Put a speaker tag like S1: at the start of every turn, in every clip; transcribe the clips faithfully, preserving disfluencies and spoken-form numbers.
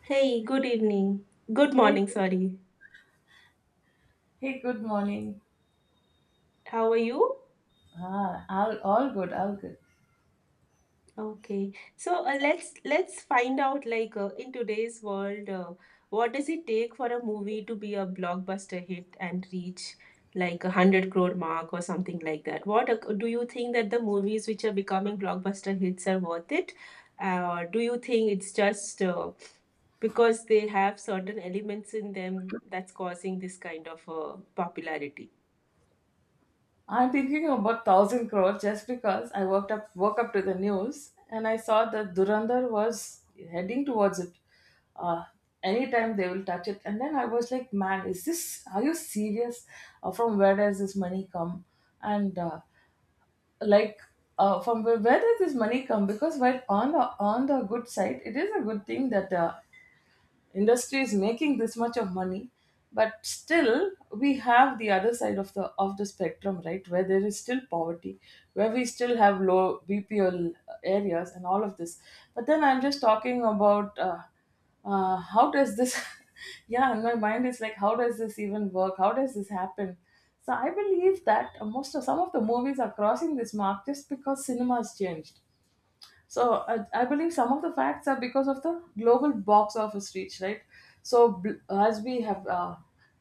S1: Hey, good evening. Good
S2: Hey,
S1: morning, sorry.
S2: hey, good morning.
S1: How are you?
S2: Ah, all, all good, all good.
S1: Okay. So uh, let's let's find out like uh, in today's world, uh, what does it take for a movie to be a blockbuster hit and reach like a hundred crore mark or something like that? What uh, do you think that the movies which are becoming blockbuster hits are worth it? Uh, or do you think it's just uh, because they have certain elements in them that's causing this kind of uh, popularity?
S2: I'm thinking about thousand crores just because I woke up woke up to the news and I saw that Durandar was heading towards it. Uh, Anytime they will touch it, and then I was like, man, is this? Are you serious? Uh, from where does this money come? And uh, like uh, From where, where does this money come, because while on the on the good side, it is a good thing that uh, industry is making this much of money, but still we have the other side of the of the spectrum, right? Where there is still poverty, where we still have low bpl areas and all of this. But then i'm just talking about uh, uh, how does this yeah, and my mind is like, how does this even work? How does this happen? So I believe that most of some of the movies are crossing this mark just because cinemas changed. So I, I believe some of the facts are because of the global box office reach, right? So bl- as we have uh,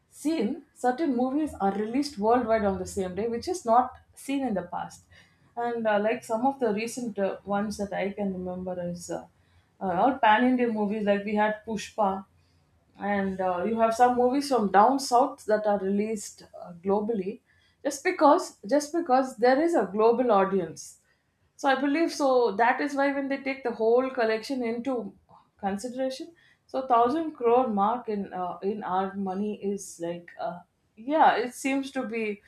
S2: seen, certain movies are released worldwide on the same day, which is not seen in the past. And uh, like some of the recent uh, ones that I can remember is uh, uh, all pan Indian movies, like we had Pushpa, and uh, you have some movies from down south that are released uh, globally, just because just because there is a global audience. So I believe, so that is why, when they take the whole collection into consideration, so one thousand crore mark in uh, in our money is like uh, yeah, it seems to be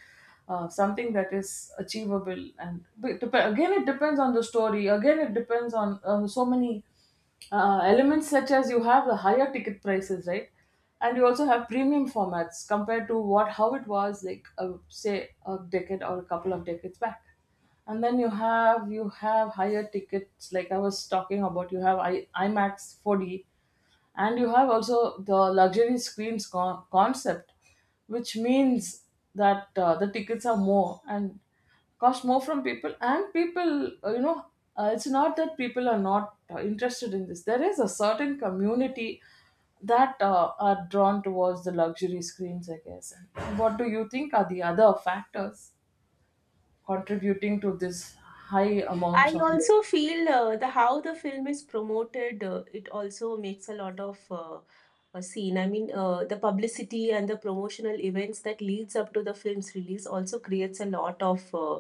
S2: uh, something that is achievable. And but it dep- again, it depends on the story, again it depends on uh, so many uh, elements, such as you have the higher ticket prices, right? And you also have premium formats compared to what how it was like, uh, say a decade or a couple of decades back. And then you have you have higher tickets like I was talking about. You have I, IMAX four D, and you have also the luxury screens con- concept, which means that uh, the tickets are more and cost more from people, and people uh, you know uh, it's not that people are not uh, interested in this. There is a certain community that uh, are drawn towards the luxury screens, I guess. And what do you think are the other factors contributing to this high amounts
S1: I
S2: of...
S1: also feel uh, the how the film is promoted. Uh, it also makes a lot of uh, a scene. I mean, uh, the publicity and the promotional events that leads up to the film's release also creates a lot of uh,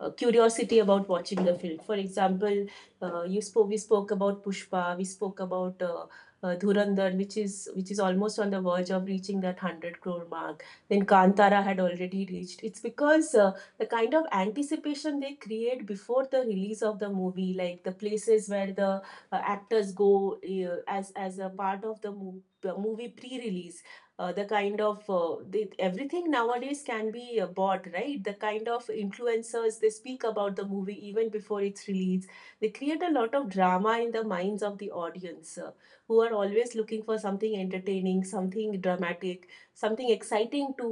S1: uh, curiosity about watching the film. For example, uh, you spoke, we spoke about Pushpa, we spoke about uh, uh, Dhurandhar, which is which is almost on the verge of reaching that hundred crore mark. Then Kantara had already reached. It's because uh, the kind of anticipation they create before the release of the movie, like the places where the uh, actors go uh, as as a part of the mo- the movie pre-release, uh, the kind of uh, they, everything nowadays can be uh, bought, right? The kind of influencers, they speak about the movie even before its release, they create a lot of drama in the minds of the audience, uh, who are always looking for something entertaining, something dramatic, something exciting to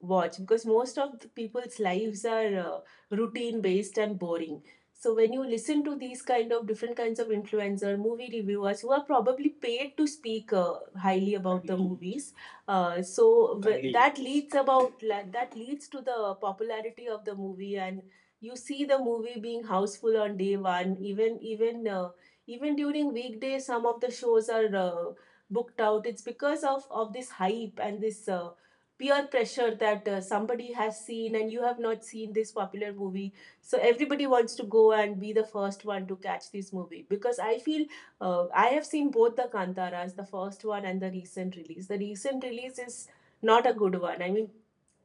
S1: watch, because most of the people's lives are uh, routine based and boring. So when you listen to these kind of different kinds of influencer movie reviewers who are probably paid to speak uh, highly about the movies, uh, so w- Agreed. That leads about like, that leads to the popularity of the movie, and you see the movie being houseful on day one, even even uh, even during weekdays some of the shows are uh, booked out. It's because of of this hype and this uh, peer pressure that uh, somebody has seen and you have not seen this popular movie. So everybody wants to go and be the first one to catch this movie. Because I feel, uh, I have seen both the Kantaras, the first one and the recent release. The recent release is not a good one. I mean,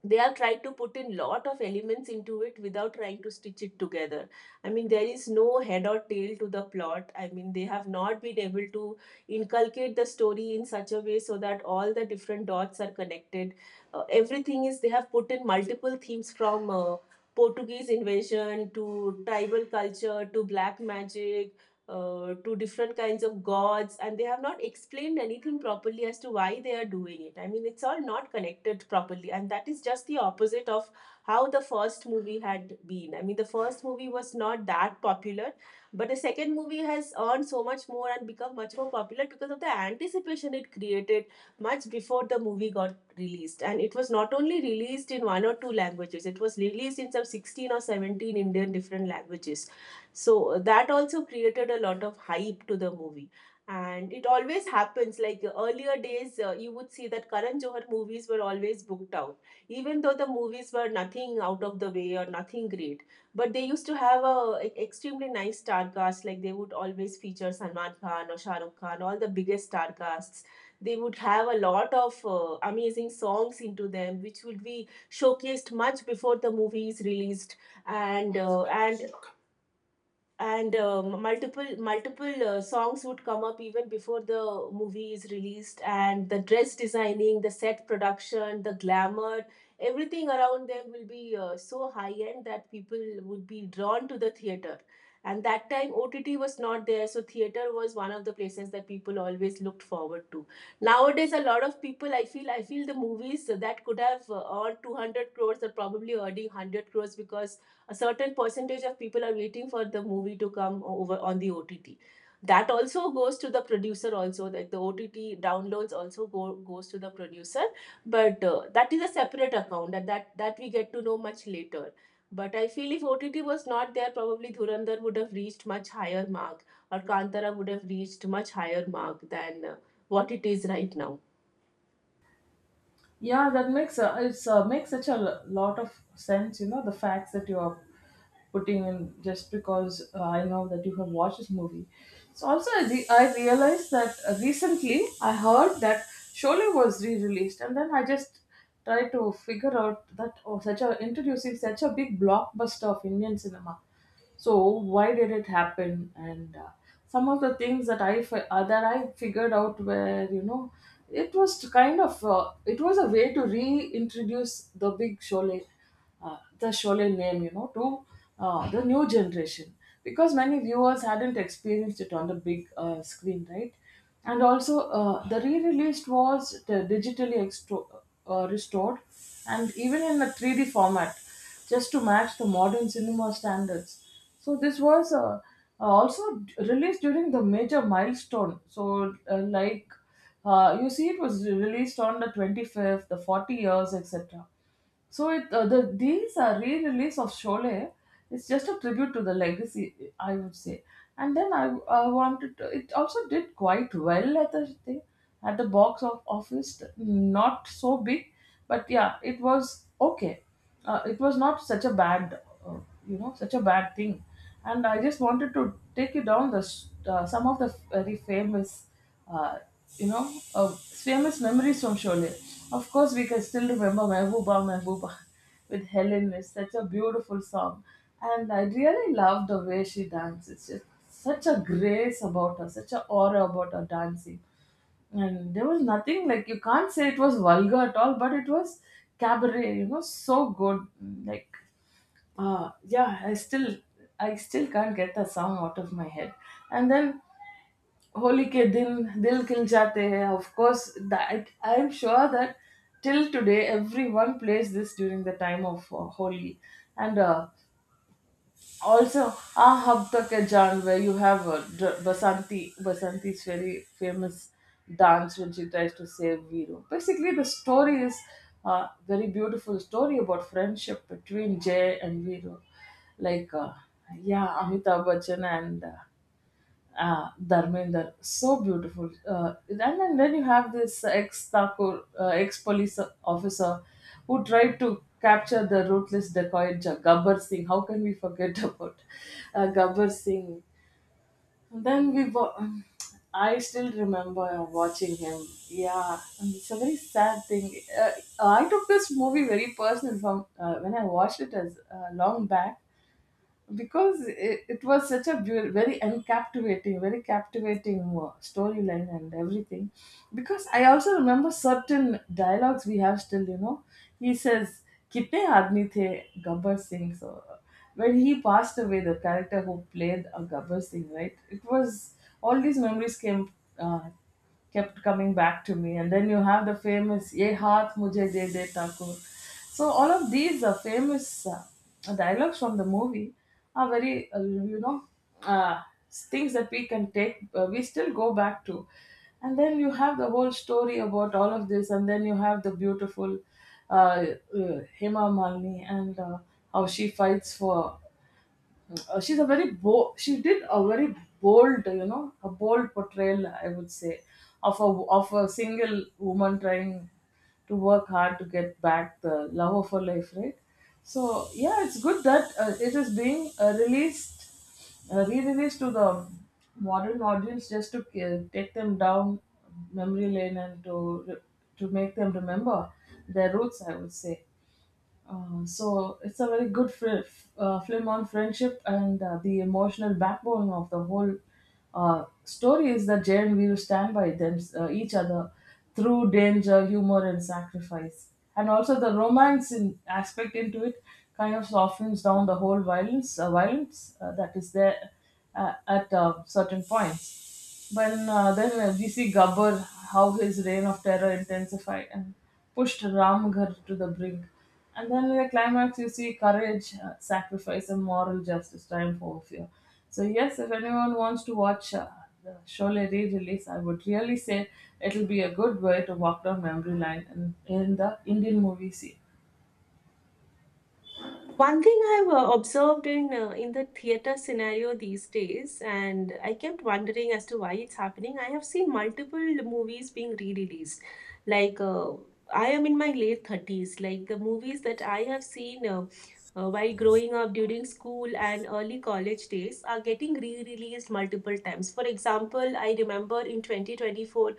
S1: they are tried to put in lot of elements into it without trying to stitch it together. I mean, there is no head or tail to the plot. I mean, they have not been able to inculcate the story in such a way so that all the different dots are connected. Uh, everything is They have put in multiple themes, from uh, Portuguese invasion to tribal culture to black magic, uh, to different kinds of gods, and they have not explained anything properly as to why they are doing it. I mean, it's all not connected properly, and that is just the opposite of how the first movie had been. I mean, the first movie was not that popular, but the second movie has earned so much more and become much more popular because of the anticipation it created much before the movie got released. And it was not only released in one or two languages, it was released in some sixteen or seventeen Indian different languages. So that also created a lot of hype to the movie. And it always happens. Like earlier days, uh, you would see that Karan Johar movies were always booked out, even though the movies were nothing out of the way or nothing great. But they used to have a e- extremely nice star cast. Like they would always feature Salman Khan or Shah Rukh Khan, all the biggest star casts. They would have a lot of uh, amazing songs into them, which would be showcased much before the movie is released. And uh, and and um, multiple multiple uh, songs would come up even before the movie is released, and the dress designing, the set production, the glamour, everything around them will be uh, so high end that people would be drawn to the theater. And that time, OTT was not there, so theater was one of the places that people always looked forward to. Nowadays a lot of people, i feel i feel the movies that could have uh, earned two hundred crores are probably earning one hundred crores, because a certain percentage of people are waiting for the movie to come over on the OTT. That also goes to the producer also, like the OTT downloads also go, goes to the producer. But uh, that is a separate account, and that that we get to know much later. But I feel if OTT was not there, probably Dhurandhar would have reached much higher mark, or Kantara would have reached much higher mark than uh, what it is right now.
S2: Yeah, that makes uh, it's uh, makes such a lo- lot of sense. You know the facts that you are putting in, just because uh, I know that you have watched this movie. So also I, re- I realized that uh, recently I heard that Sholay was re-released, and then I just tried to figure out that, oh, such a introducing such a big blockbuster of Indian cinema. So why did it happen? And uh, some of the things that i fi- uh, that i figured out were, you know, it was to kind of uh, it was a way to reintroduce the big Sholay, uh, the Sholay name, you know, to uh, the new generation, because many viewers hadn't experienced it on the big uh, screen, right? And also uh, the re-released was the digitally extro- uh, restored, and even in a 3d format, just to match the modern cinema standards. So this was uh, uh, also d- released during the major milestone. So uh, like uh, you see, it was released on the twenty-fifth, the forty years, etc. So it uh, the these are re-release of Sholay. It's just a tribute to the legacy, I would say. And then I, I wanted to, it also did quite well at the thing, at the box of office. Not so big, but yeah, it was okay. Uh, it was not such a bad uh, you know, such a bad thing. And I just wanted to take you down the s- uh, some of the very famous uh, you know uh, famous memories from Sholay. Of course, we can still remember Mehbooba Mehbooba with Helen. It's such a beautiful song, and I really love the way she dances. It's just such a grace about her, such a aura about her dancing. And there was nothing like, you can't say it was vulgar at all, but it was cabaret, you know, so good. Like uh yeah, I still, I still can't get the song out of my head. And then Holi ke din dil khil jate hai, of course, that I'm sure that till today everyone plays this during the time of uh, holi. And uh, also ah Habtak Hai Jaan, where you have uh, D- Basanti Basanti's very famous dance when she tries to save Viru. Basically, the story is a very beautiful story about friendship between Jay and Viru. Like, uh, yeah, Amitabh Bachchan and uh, Ah, Dharminder, so beautiful. Uh, and then, then you have this ex Thakur, uh, ex police officer, who tried to capture the ruthless dacoit Ja- Gabbar Singh. How can we forget about uh, Gabbar Singh? And then we, wa- um, I still remember watching him. Yeah, and it's a very sad thing. Uh, I took this movie very personal from uh, when I watched it, as uh, long back, because it, it was such a beautiful, very uncaptivating, very captivating uh, storyline and everything. Because I also remember certain dialogues we have still, you know. He says, "Kitne aadmi the Gabbar Singh?" So when he passed away, the character who played a Gabbar Singh, right? It was all these memories came, Uh, kept coming back to me. And then you have the famous Ye Haath Mujhe De De Takur. So all of these uh, famous uh, dialogues from the movie are very, uh, you know, uh, things that we can take, uh, we still go back to. And then you have the whole story about all of this, and then you have the beautiful uh, uh, Hema Malini, and uh, how she fights for uh, she's a very bold, she did a very bold, you know, a bold portrayal, I would say, of a of a single woman trying to work hard to get back the love of her life, right? So yeah, it's good that uh, it is being uh, released uh, re-released to the modern audience, just to uh, take them down memory lane, and to to make them remember their roots, I would say. Uh, so it's a very good fri uh, film on friendship. And uh, the emotional backbone of the whole uh, story is that Jay and Veeru stand by them uh, each other through danger, humor, and sacrifice. And also the romance in aspect into it kind of softens down the whole violence uh, violence uh, that is there uh, at uh, certain points. When uh, then uh, we see Gabbar, how his reign of terror intensified and pushed Ramgarh to the brink. And then in the climax, you see courage, uh, sacrifice, and moral justice triumph over fear. So, yes, if anyone wants to watch uh, the Sholay re release, I would really say it'll be a good way to walk down memory lane in, in the Indian movie scene.
S1: One thing I've uh, observed in uh, in the theater scenario these days, and I kept wondering as to why it's happening. I have seen multiple movies being re-released. Like uh, I am in my late thirties. Like the movies that I have seen uh, uh, while growing up during school and early college days are getting re-released multiple times. For example, I remember in twenty twenty four,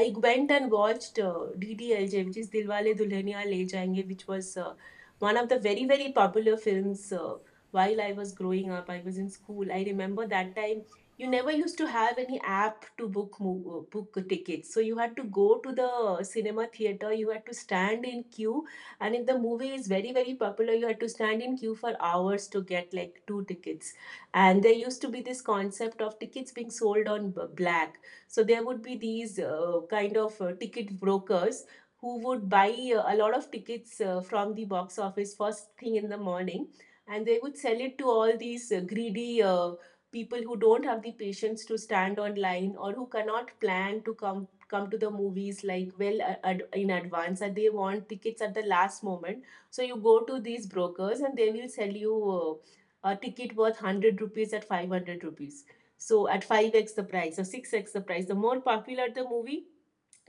S1: I went and watched uh, D D L J, which is Dilwale Dulhania Le Jayenge, which was uh, one of the very very popular films uh, while I was growing up. I was in school. I remember that time, you never used to have any app to book mo- uh, book tickets, so you had to go to the cinema theater, you had to stand in queue. And if the movie is very very popular, you had to stand in queue for hours to get like two tickets. And there used to be this concept of tickets being sold on b- black. So there would be these uh, kind of uh, ticket brokers who would buy uh, a lot of tickets uh, from the box office first thing in the morning, and they would sell it to all these uh, greedy uh, people who don't have the patience to stand online, or who cannot plan to come come to the movies like well, uh, ad- in advance, and they want tickets at the last moment. So you go to these brokers and they will sell you uh, a ticket worth one hundred rupees at five hundred rupees. So at five x the price or six x the price, the more popular the movie,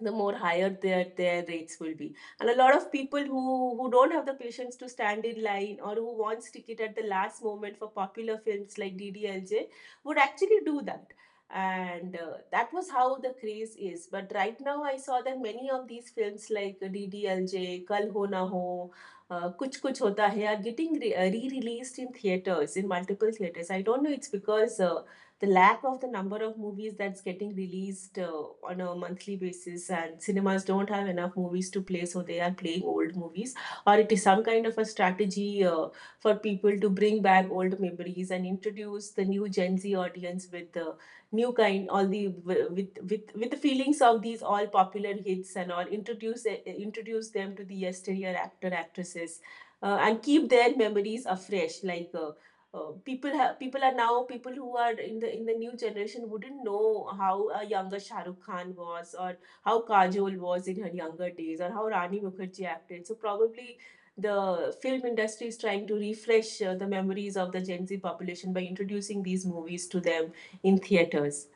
S1: the more higher their their rates will be. And a lot of people who who don't have the patience to stand in line, or who wants ticket at the last moment for popular films like DDLJ would actually do that. And uh, that was how the craze is. But right now I saw that many of these films like DDLJ, Kal Ho Na Ho, uh, Kuch Kuch Hota Hai are getting re- released in theaters, in multiple theaters. I don't know, it's because uh, the lack of the number of movies that's getting released uh, on a monthly basis, and cinemas don't have enough movies to play, so they are playing old movies. Or it is some kind of a strategy uh, for people to bring back old memories and introduce the new Gen Z audience with the new kind, all the with with with the feelings of these all popular hits, and all introduce eh, eh, introduce them to the yesteryear actor actresses, uh, and keep their memories afresh. Like uh, uh, people have people are now people who are in the in the new generation wouldn't know how a younger Shah Rukh Khan was, or how Kajol was in her younger days, or how Rani Mukherjee acted. So probably the film industry is trying to refresh uh, the memories of the Gen Z population by introducing these movies to them in theaters.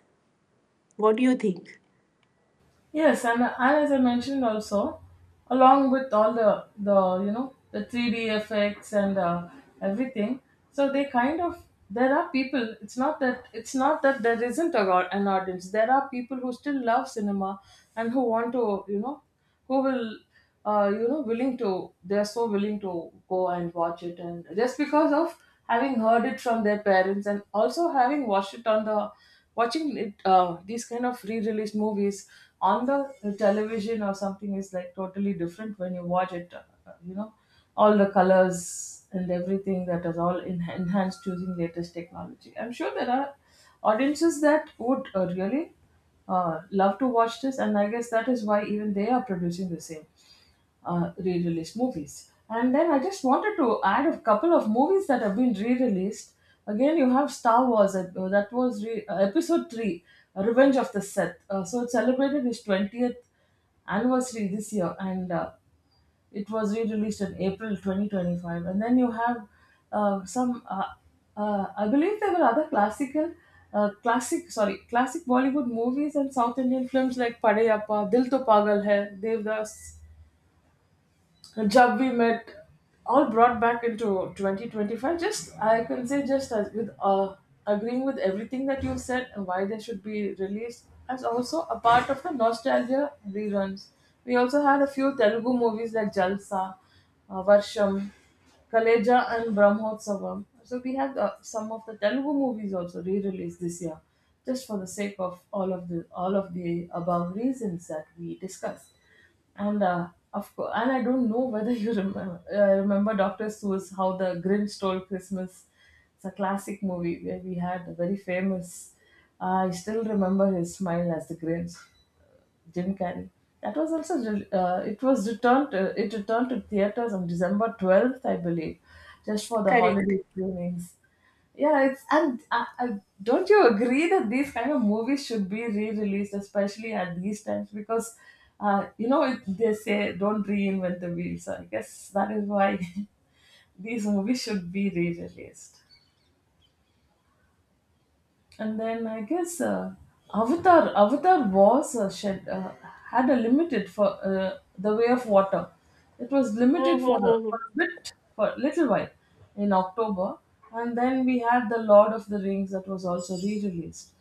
S1: What do you think?
S2: Yes, and, and as I mentioned also, along with all the the you know, the three D effects and uh, everything, so they kind of there are people. It's not that it's not that there isn't a, au- an audience. There are people who still love cinema and who want to, you know, who will uh, you know, willing to they're so willing to go and watch it. And just because of having heard it from their parents, and also having watched it on the watching it, uh, these kind of re-released movies on the television or something, is like totally different. When you watch it, uh, you know, all the colors and everything that is all in, enhanced using latest technology, I'm sure there are audiences that would uh, really uh, love to watch this. And I guess that is why even they are producing the same uh, re-released movies. And then I just wanted to add a couple of movies that have been re-released. Again, you have Star Wars. uh, That was re- uh, episode three, Revenge of the Sith. Uh, so it celebrated its twentieth anniversary this year, and uh, it was re-released in April twenty twenty five. And then you have uh, some. Uh, uh, I believe there were other classical. Uh, classic, sorry, classic Bollywood movies and South Indian films like Padayappa, Dil To Pagal Hai, Devdas, a job we met all brought back into twenty twenty-five. Just I can say just as with uh, agreeing with everything that you've said and why they should be released as also a part of the nostalgia reruns, we also had a few Telugu movies like Jalsa, uh, Varsham, Kaleja and Brahmotsavam. So we had uh, some of the Telugu movies also re-released this year, just for the sake of all of the all of the above reasons that we discussed. And uh, of course, and I don't know whether you remember uh, remember Doctor Seuss how the Grinch stole Christmas. It's a classic movie where we had a very famous. I still remember his smile as the Grinch, Jim Carrey. That was also re- uh, it was returned to, it returned to theaters on December twelfth, I believe, just for the
S1: Correct.
S2: holiday screenings. Yeah, it's and uh, uh, don't you agree that these kind of movies should be re-released, especially at these times, because uh, you know it, they say don't reinvent the wheel. So I guess that is why these movies should be re-released. And then I guess uh, Avatar, Avatar was uh, shed, uh, had a limited for uh, the way of water. It was limited for for
S1: Mm-hmm.
S2: a bit, for a little while, in October, and then we had the Lord of the Rings that was also re-released.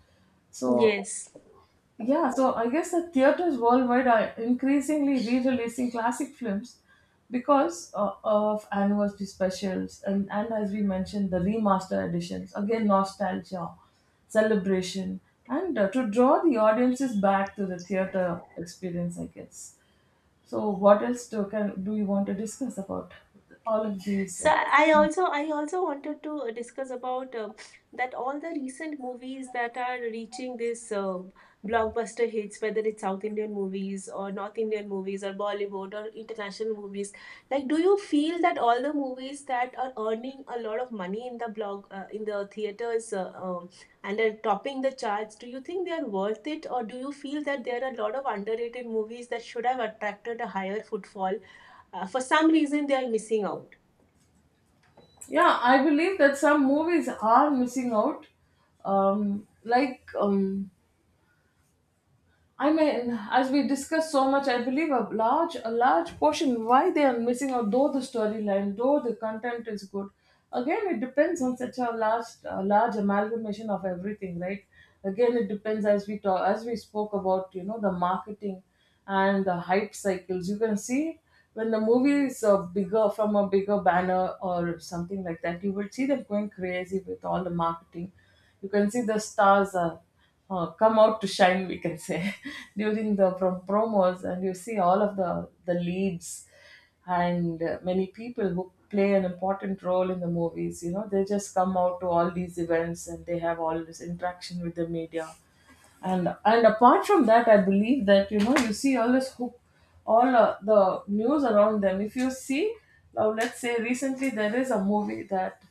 S2: So
S1: Yes.
S2: yeah, so I guess the theaters worldwide are increasingly re-releasing classic films because uh, of anniversary specials, and and as we mentioned the remaster editions, again nostalgia, celebration, and uh, to draw the audiences back to the theater experience, I guess. So what else do can do you want to discuss about all of these?
S1: So
S2: Uh,
S1: I also I also wanted to discuss about uh, that all the recent movies that are reaching this uh, blockbuster hits, whether it's South Indian movies or North Indian movies or Bollywood or international movies. Like, do you feel that all the movies that are earning a lot of money in the blog uh, in the theaters uh, um, and are topping the charts, do you think they are worth it? Or do you feel that there are a lot of underrated movies that should have attracted a higher footfall? Uh, for some reason, they are missing out.
S2: yeah, I believe that some movies are missing out. Um, like um, I mean, as we discussed so much, I believe a large a large portion why they are missing out, though the storyline, though the content is good. Again, it depends on such a large a large amalgamation of everything, right? Again, it depends as we talk as we spoke about, you know, the marketing and the hype cycles. You can see when the movie is uh, bigger from a bigger banner or something like that, you will see them going crazy with all the marketing. You can see the stars are uh, come out to shine, we can say, during the prom- promos, and you see all of the the leads and uh, many people who play an important role in the movies, you know, they just come out to all these events and they have all this interaction with the media. And and apart from that, I believe that, you know, you see all this hoop, all uh, the news around them. If you see, now let's say recently there is a movie that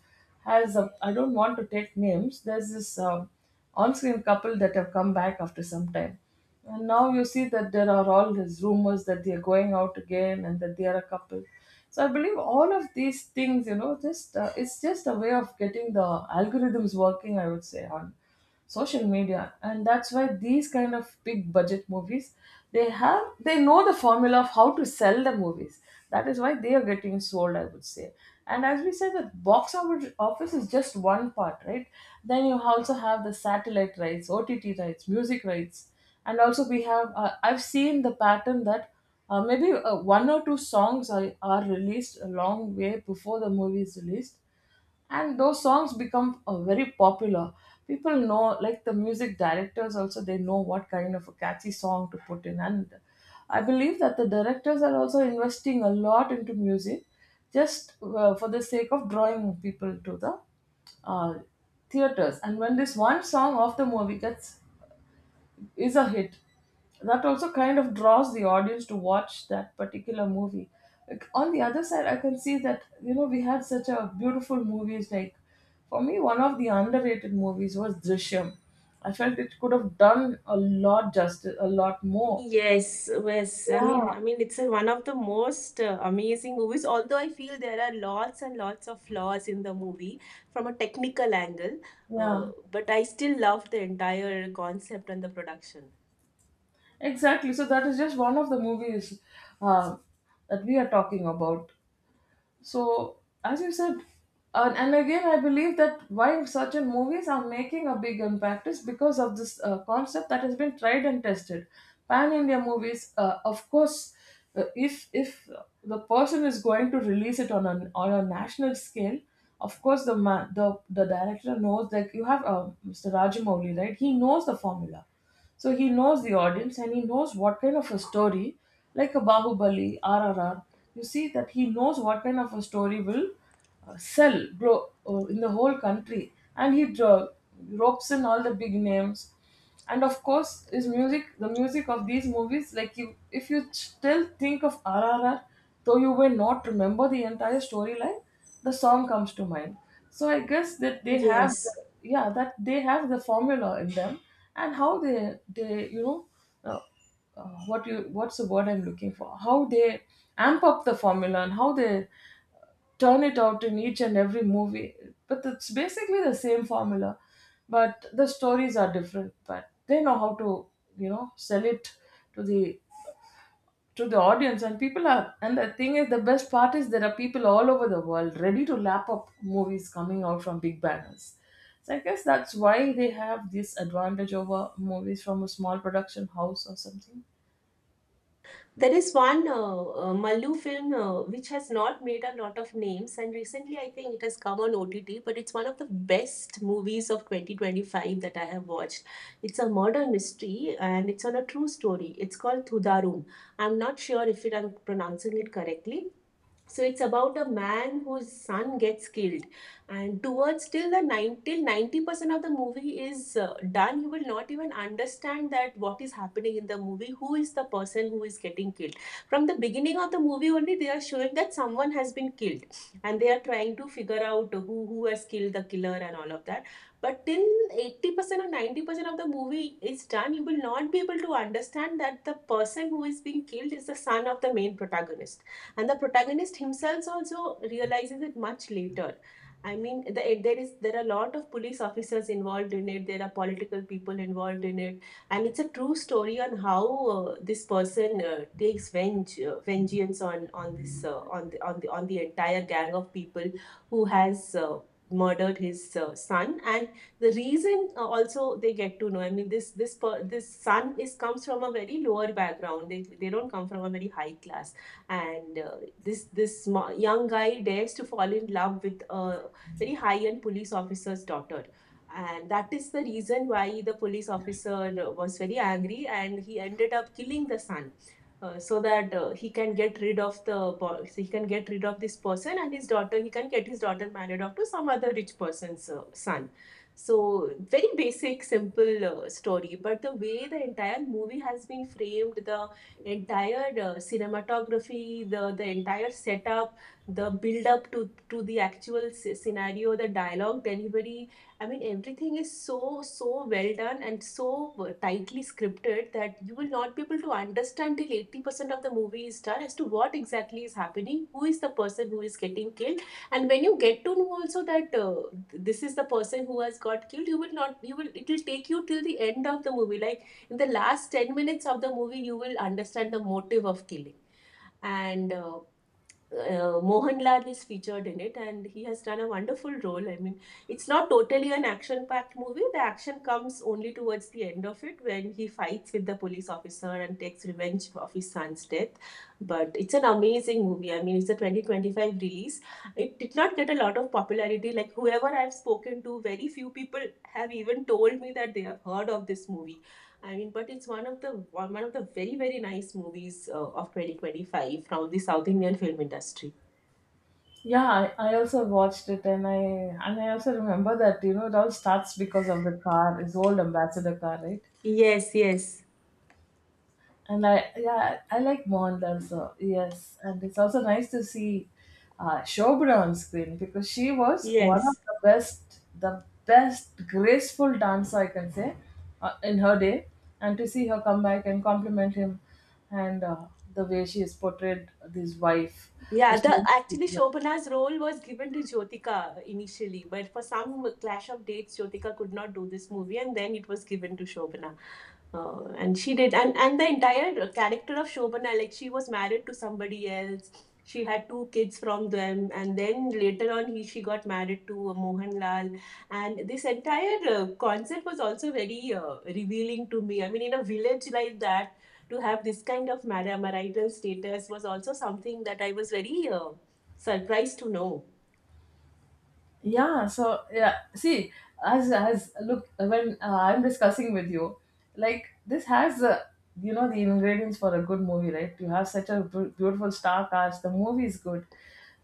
S2: has a, I don't want to take names. There's this um, on-screen couple that have come back after some time, and now you see that there are all these rumors that they are going out again and that they are a couple. So I believe all of these things, you know, just uh, it's just a way of getting the algorithms working, I would say, on social media, and that's why these kind of big budget movies, they have, they know the formula of how to sell the movies. That is why they are getting sold, I would say. And as we said, the box office office is just one part, right? Then you also have the satellite rights, O T T rights, music rights, and also we have uh, I've seen the pattern that uh, maybe uh, one or two songs are, are released a long way before the movie is released, and those songs become uh, very popular. People know, like the music directors also, they know what kind of a catchy song to put in, and I believe that the directors are also investing a lot into music, just uh, for the sake of drawing people to the uh, theaters. And when this one song of the movie gets, is a hit, that also kind of draws the audience to watch that particular movie. Like, on the other side, I can see that, you know, we had such a beautiful movies. Like, for me, one of the underrated movies was Drishyam. I felt it could have done a lot justice, a lot more.
S1: Yes, was, I
S2: Yeah,
S1: mean, I mean, it's a, one of the most uh, amazing movies. Although I feel there are lots and lots of flaws in the movie from a technical angle,
S2: yeah,
S1: uh, but I still love the entire concept and the production.
S2: exactly. So that is just one of the movies uh, that we are talking about. So, as you said, and, and again, I believe that why certain movies are making a big impact is because of this uh, concept that has been tried and tested. Pan India movies, uh, of course, uh, if if the person is going to release it on a on a national scale, of course the ma- the the director knows that you have uh, Mister Rajamouli, right? He knows the formula, so he knows the audience and he knows what kind of a story, like a Bahubali, R. R R. You see that he knows what kind of a story will uh, sell grow uh, in the whole country. And he dro- ropes in all the big names. And of course, his music, the music of these movies, like, you, if you still think of R R R, though you may not remember the entire storyline, the song comes to mind. So I guess that they have, the,
S1: Yes.
S2: yeah, that they have the formula in them, and how they they, you know, uh, uh, what you, what's the word I'm looking for? How they amp up the formula and how they turn it out in each and every movie. But it's basically the same formula, but the stories are different. But they know how to, you know, sell it to the to the audience, and people are, and the thing is, the best part is there are people all over the world ready to lap up movies coming out from big banners. So I guess that's why they have this advantage over movies from a small production house or something.
S1: There is one uh, uh, Mallu film uh, which has not made a lot of names, and recently I think it has come on O T T, but it's one of the best movies of twenty twenty-five that I have watched. It's a murder mystery and it's on a true story. It's called Thudarum. I'm not sure if it, I'm pronouncing it correctly, so it's about a man whose son gets killed and towards till the nine till ninety percent of the movie is uh, done. You will not even understand that what is happening in the movie, who is the person who is getting killed. From the beginning of the movie only, they are showing that someone has been killed and they are trying to figure out who who has killed the killer and all of that. But till eighty percent or ninety percent of the movie is done, you will not be able to understand that the person who is being killed is the son of the main protagonist, and the protagonist himself also realizes it much later. I mean, the, there is there are a lot of police officers involved in it, there are political people involved in it, and it's a true story on how uh, this person uh, takes venge, uh, vengeance on on this uh, on the, on the on the entire gang of people who has uh, murdered his uh, son. And the reason uh, also they get to know, I mean, this this per, this son is comes from a very lower background. They, they don't come from a very high class, and uh, this this sma- young guy dares to fall in love with a very high end police officer's daughter. And that is the reason why the police officer uh, was very angry and he ended up killing the son. Uh, so that uh, he can get rid of the bo- so he can get rid of this person, and his daughter he can get his daughter married off to some other rich person's uh, son. So very basic simple uh, story, but the way the entire movie has been framed, the entire uh, cinematography, the the entire setup, the build up to to the actual scenario, the dialogue delivery. I mean, everything is so so well done and so uh, tightly scripted that you will not be able to understand till eighty percent of the movie is done as to what exactly is happening, who is the person who is getting killed. And when you get to know also that uh, this is the person who has got killed, you will not you will it will take you till the end of the movie, like in the last ten minutes of the movie you will understand the motive of killing. And uh, uh, Mohanlal is featured in it and he has done a wonderful role. I mean, it's not totally an action packed movie. The action comes only towards the end of it when he fights with the police officer and takes revenge of his son's death. But it's an amazing movie. I mean, it's a twenty twenty-five release. It did not get a lot of popularity. Like, whoever I've spoken to, very few people have even told me that they have heard of this movie. I mean, but it's one of the one one of the very very nice movies uh, of twenty twenty-five from the South Indian film industry.
S2: Yeah, i, I also watched it, and i and i also remember that, you know, it all starts because of the car, his old ambassador car, right?
S1: Yes, yes.
S2: And I, yeah, I like Mond also. Yes, and it's also nice to see uh, Shobana on screen because she was one of
S1: Yes.
S2: the best, the best graceful dancer, I can say, uh, in her day. And to see her come back and compliment him, and uh, the way she has portrayed this wife, the
S1: Yeah, the
S2: story of his
S1: actually
S2: wife.
S1: Shobana's role was given to Jyotika initially, but for some clash of dates, Jyotika could not do this movie, and then it was given to Shobana. Uh, and she did, and and the entire character of Shobana, like she was married to somebody else. She had two kids from them, and then later on, he she got married to uh, Mohanlal. And this entire uh, concept was also very uh, revealing to me. I mean, in a village like that, to have this kind of mari- marital status was also something that I was very uh, surprised to know.
S2: Yeah, so yeah, see, as as look, when uh, I'm discussing with you, like this has the, you know, the ingredients for a good movie, right? You have such a bu- beautiful star cast. The movie is good,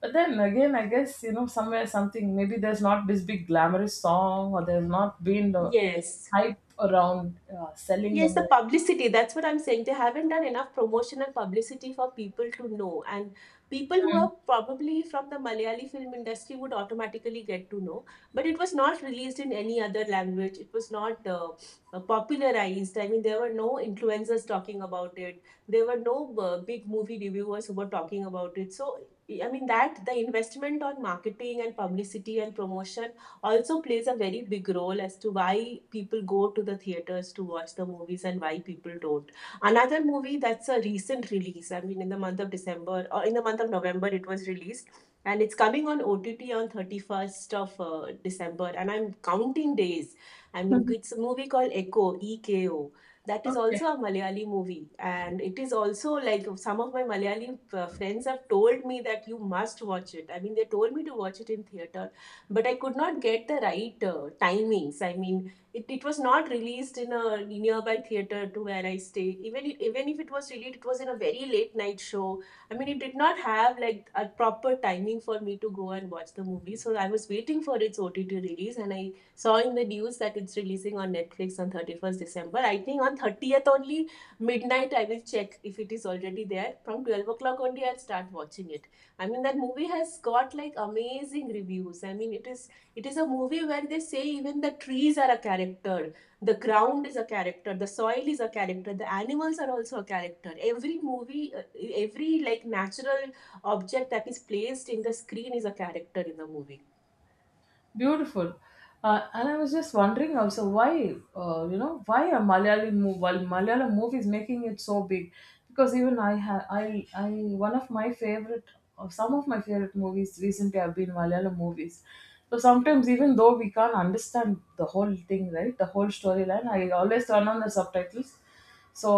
S2: but then again, I guess, you know, somewhere something, maybe there's not this big glamorous song or there's not been the
S1: Yes.
S2: hype around uh, selling the
S1: Yes, the
S2: movie.
S1: publicity. That's what I'm saying. They haven't done enough promotion and publicity for people to know. And people who are probably from the Malayali film industry would automatically get to know. But it was not released in any other language. It was not uh, uh, popularized. I mean, there were no influencers talking about it. There were no uh, big movie reviewers who were talking about it. So, I mean, that the investment on marketing and publicity and promotion also plays a very big role as to why people go to the theaters to watch the movies and why people don't. Another movie that's a recent release, I mean, in the month of December or in the month of November, it was released and it's coming on O T T on thirty-first of uh, December. And I'm counting days. I mean, it's a movie called Echo, E K O. That is
S2: Okay.
S1: also a Malayali movie. And it is also like some of my Malayali uh, friends have told me that you must watch it. I mean, they told me to watch it in theater but I could not get the right uh, timings. I mean, it, it was not released in a nearby theater to where I stay. Even it, even if it was released, it was in a very late night show. I mean, it did not have like a proper timing for me to go and watch the movie. So I was waiting for its O T T release, and I saw in the news that it's releasing on Netflix on thirty first December. I think on thirtieth only midnight I will check if it is already there. From twelve o'clock only I'll start watching it. I mean that movie has got like amazing reviews. I mean it is it is a movie where they say even the trees are a character, the ground is a character, the soil is a character, the animals are also a character. Every movie, uh, every like natural object that is placed in the screen is a character in the movie.
S2: Beautiful. Uh, and I was just wondering also why, uh, you know, why are Malayali mo- well, Malayalam movies making it so big? Because even I have, I, I, one of my favorite, or some of my favorite movies recently have been Malayalam movies. So sometimes, even though we can't understand the whole thing, right, the whole storyline, I always turn on the subtitles so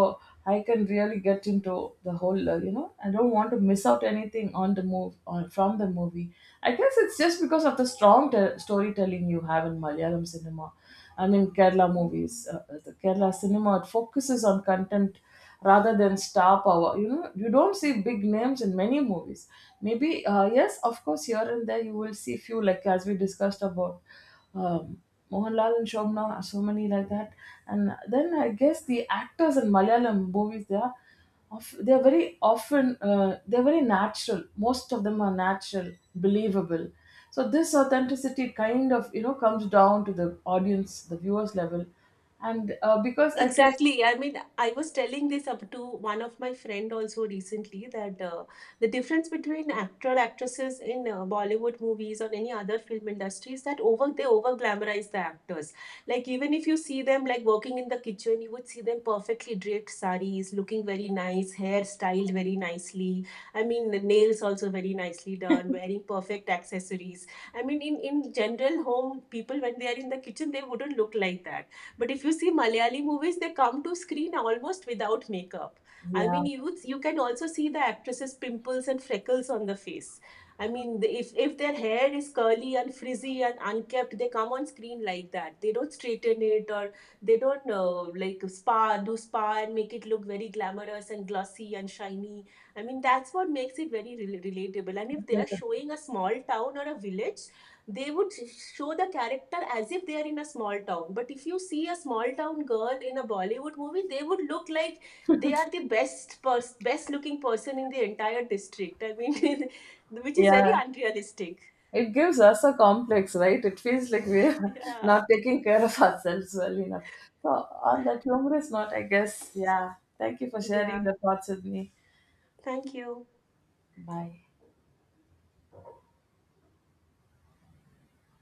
S2: I can really get into the whole uh, you know, I don't want to miss out anything on the move or from the movie. I guess it's just because of the strong te- storytelling you have in Malayalam cinema. I mean, Kerala movies, uh, uh, the Kerala cinema, it focuses on content rather than star power. You know, you don't see big names in many movies. Maybe uh, yes, of course, here and there you will see few, like as we discussed about, um, Mohanlal and Shobna, so many like that. And then I guess the actors in Malayalam movies, they are, of, they are very often, uh, they're very natural. Most of them are natural, believable. So this authenticity kind of, you know, comes down to the audience, the viewers level. And uh, because I guess,
S1: Exactly. I mean, I was telling this up to one of my friend also recently that uh, the difference between actor actresses in uh, Bollywood movies or any other film industry is that over they over glamorize the actors. Like even if you see them like working in the kitchen, you would see them perfectly draped saris, looking very nice, hair styled very nicely. I mean, the nails also very nicely done, wearing perfect accessories. I mean, in in general home people when they are in the kitchen, they wouldn't look like that. But if you see Malayali movies, they come to screen almost without makeup. I
S2: yeah,
S1: mean, you you can also see the actresses' pimples and freckles on the face. I mean, if if their hair is curly and frizzy and unkempt, they come on screen like that. They don't straighten it or they don't uh, like spa do spa and make it look very glamorous and glossy and shiny. I mean, that's what makes it very rel- relatable. And if they are showing a small town or a village, they would show the character as if they are in a small town. But if you see a small town girl in a Bollywood movie, they would look like they are the best pers- best looking person in the entire district. I mean which is very
S2: yeah,
S1: unrealistic.
S2: it gives us a complex, right? It feels like we're
S1: Yeah,
S2: not taking care of ourselves well enough. So, on that humorous note, I guess, yeah, thank you for sharing
S1: yeah,
S2: your thoughts with me.
S1: thank you.
S2: Bye.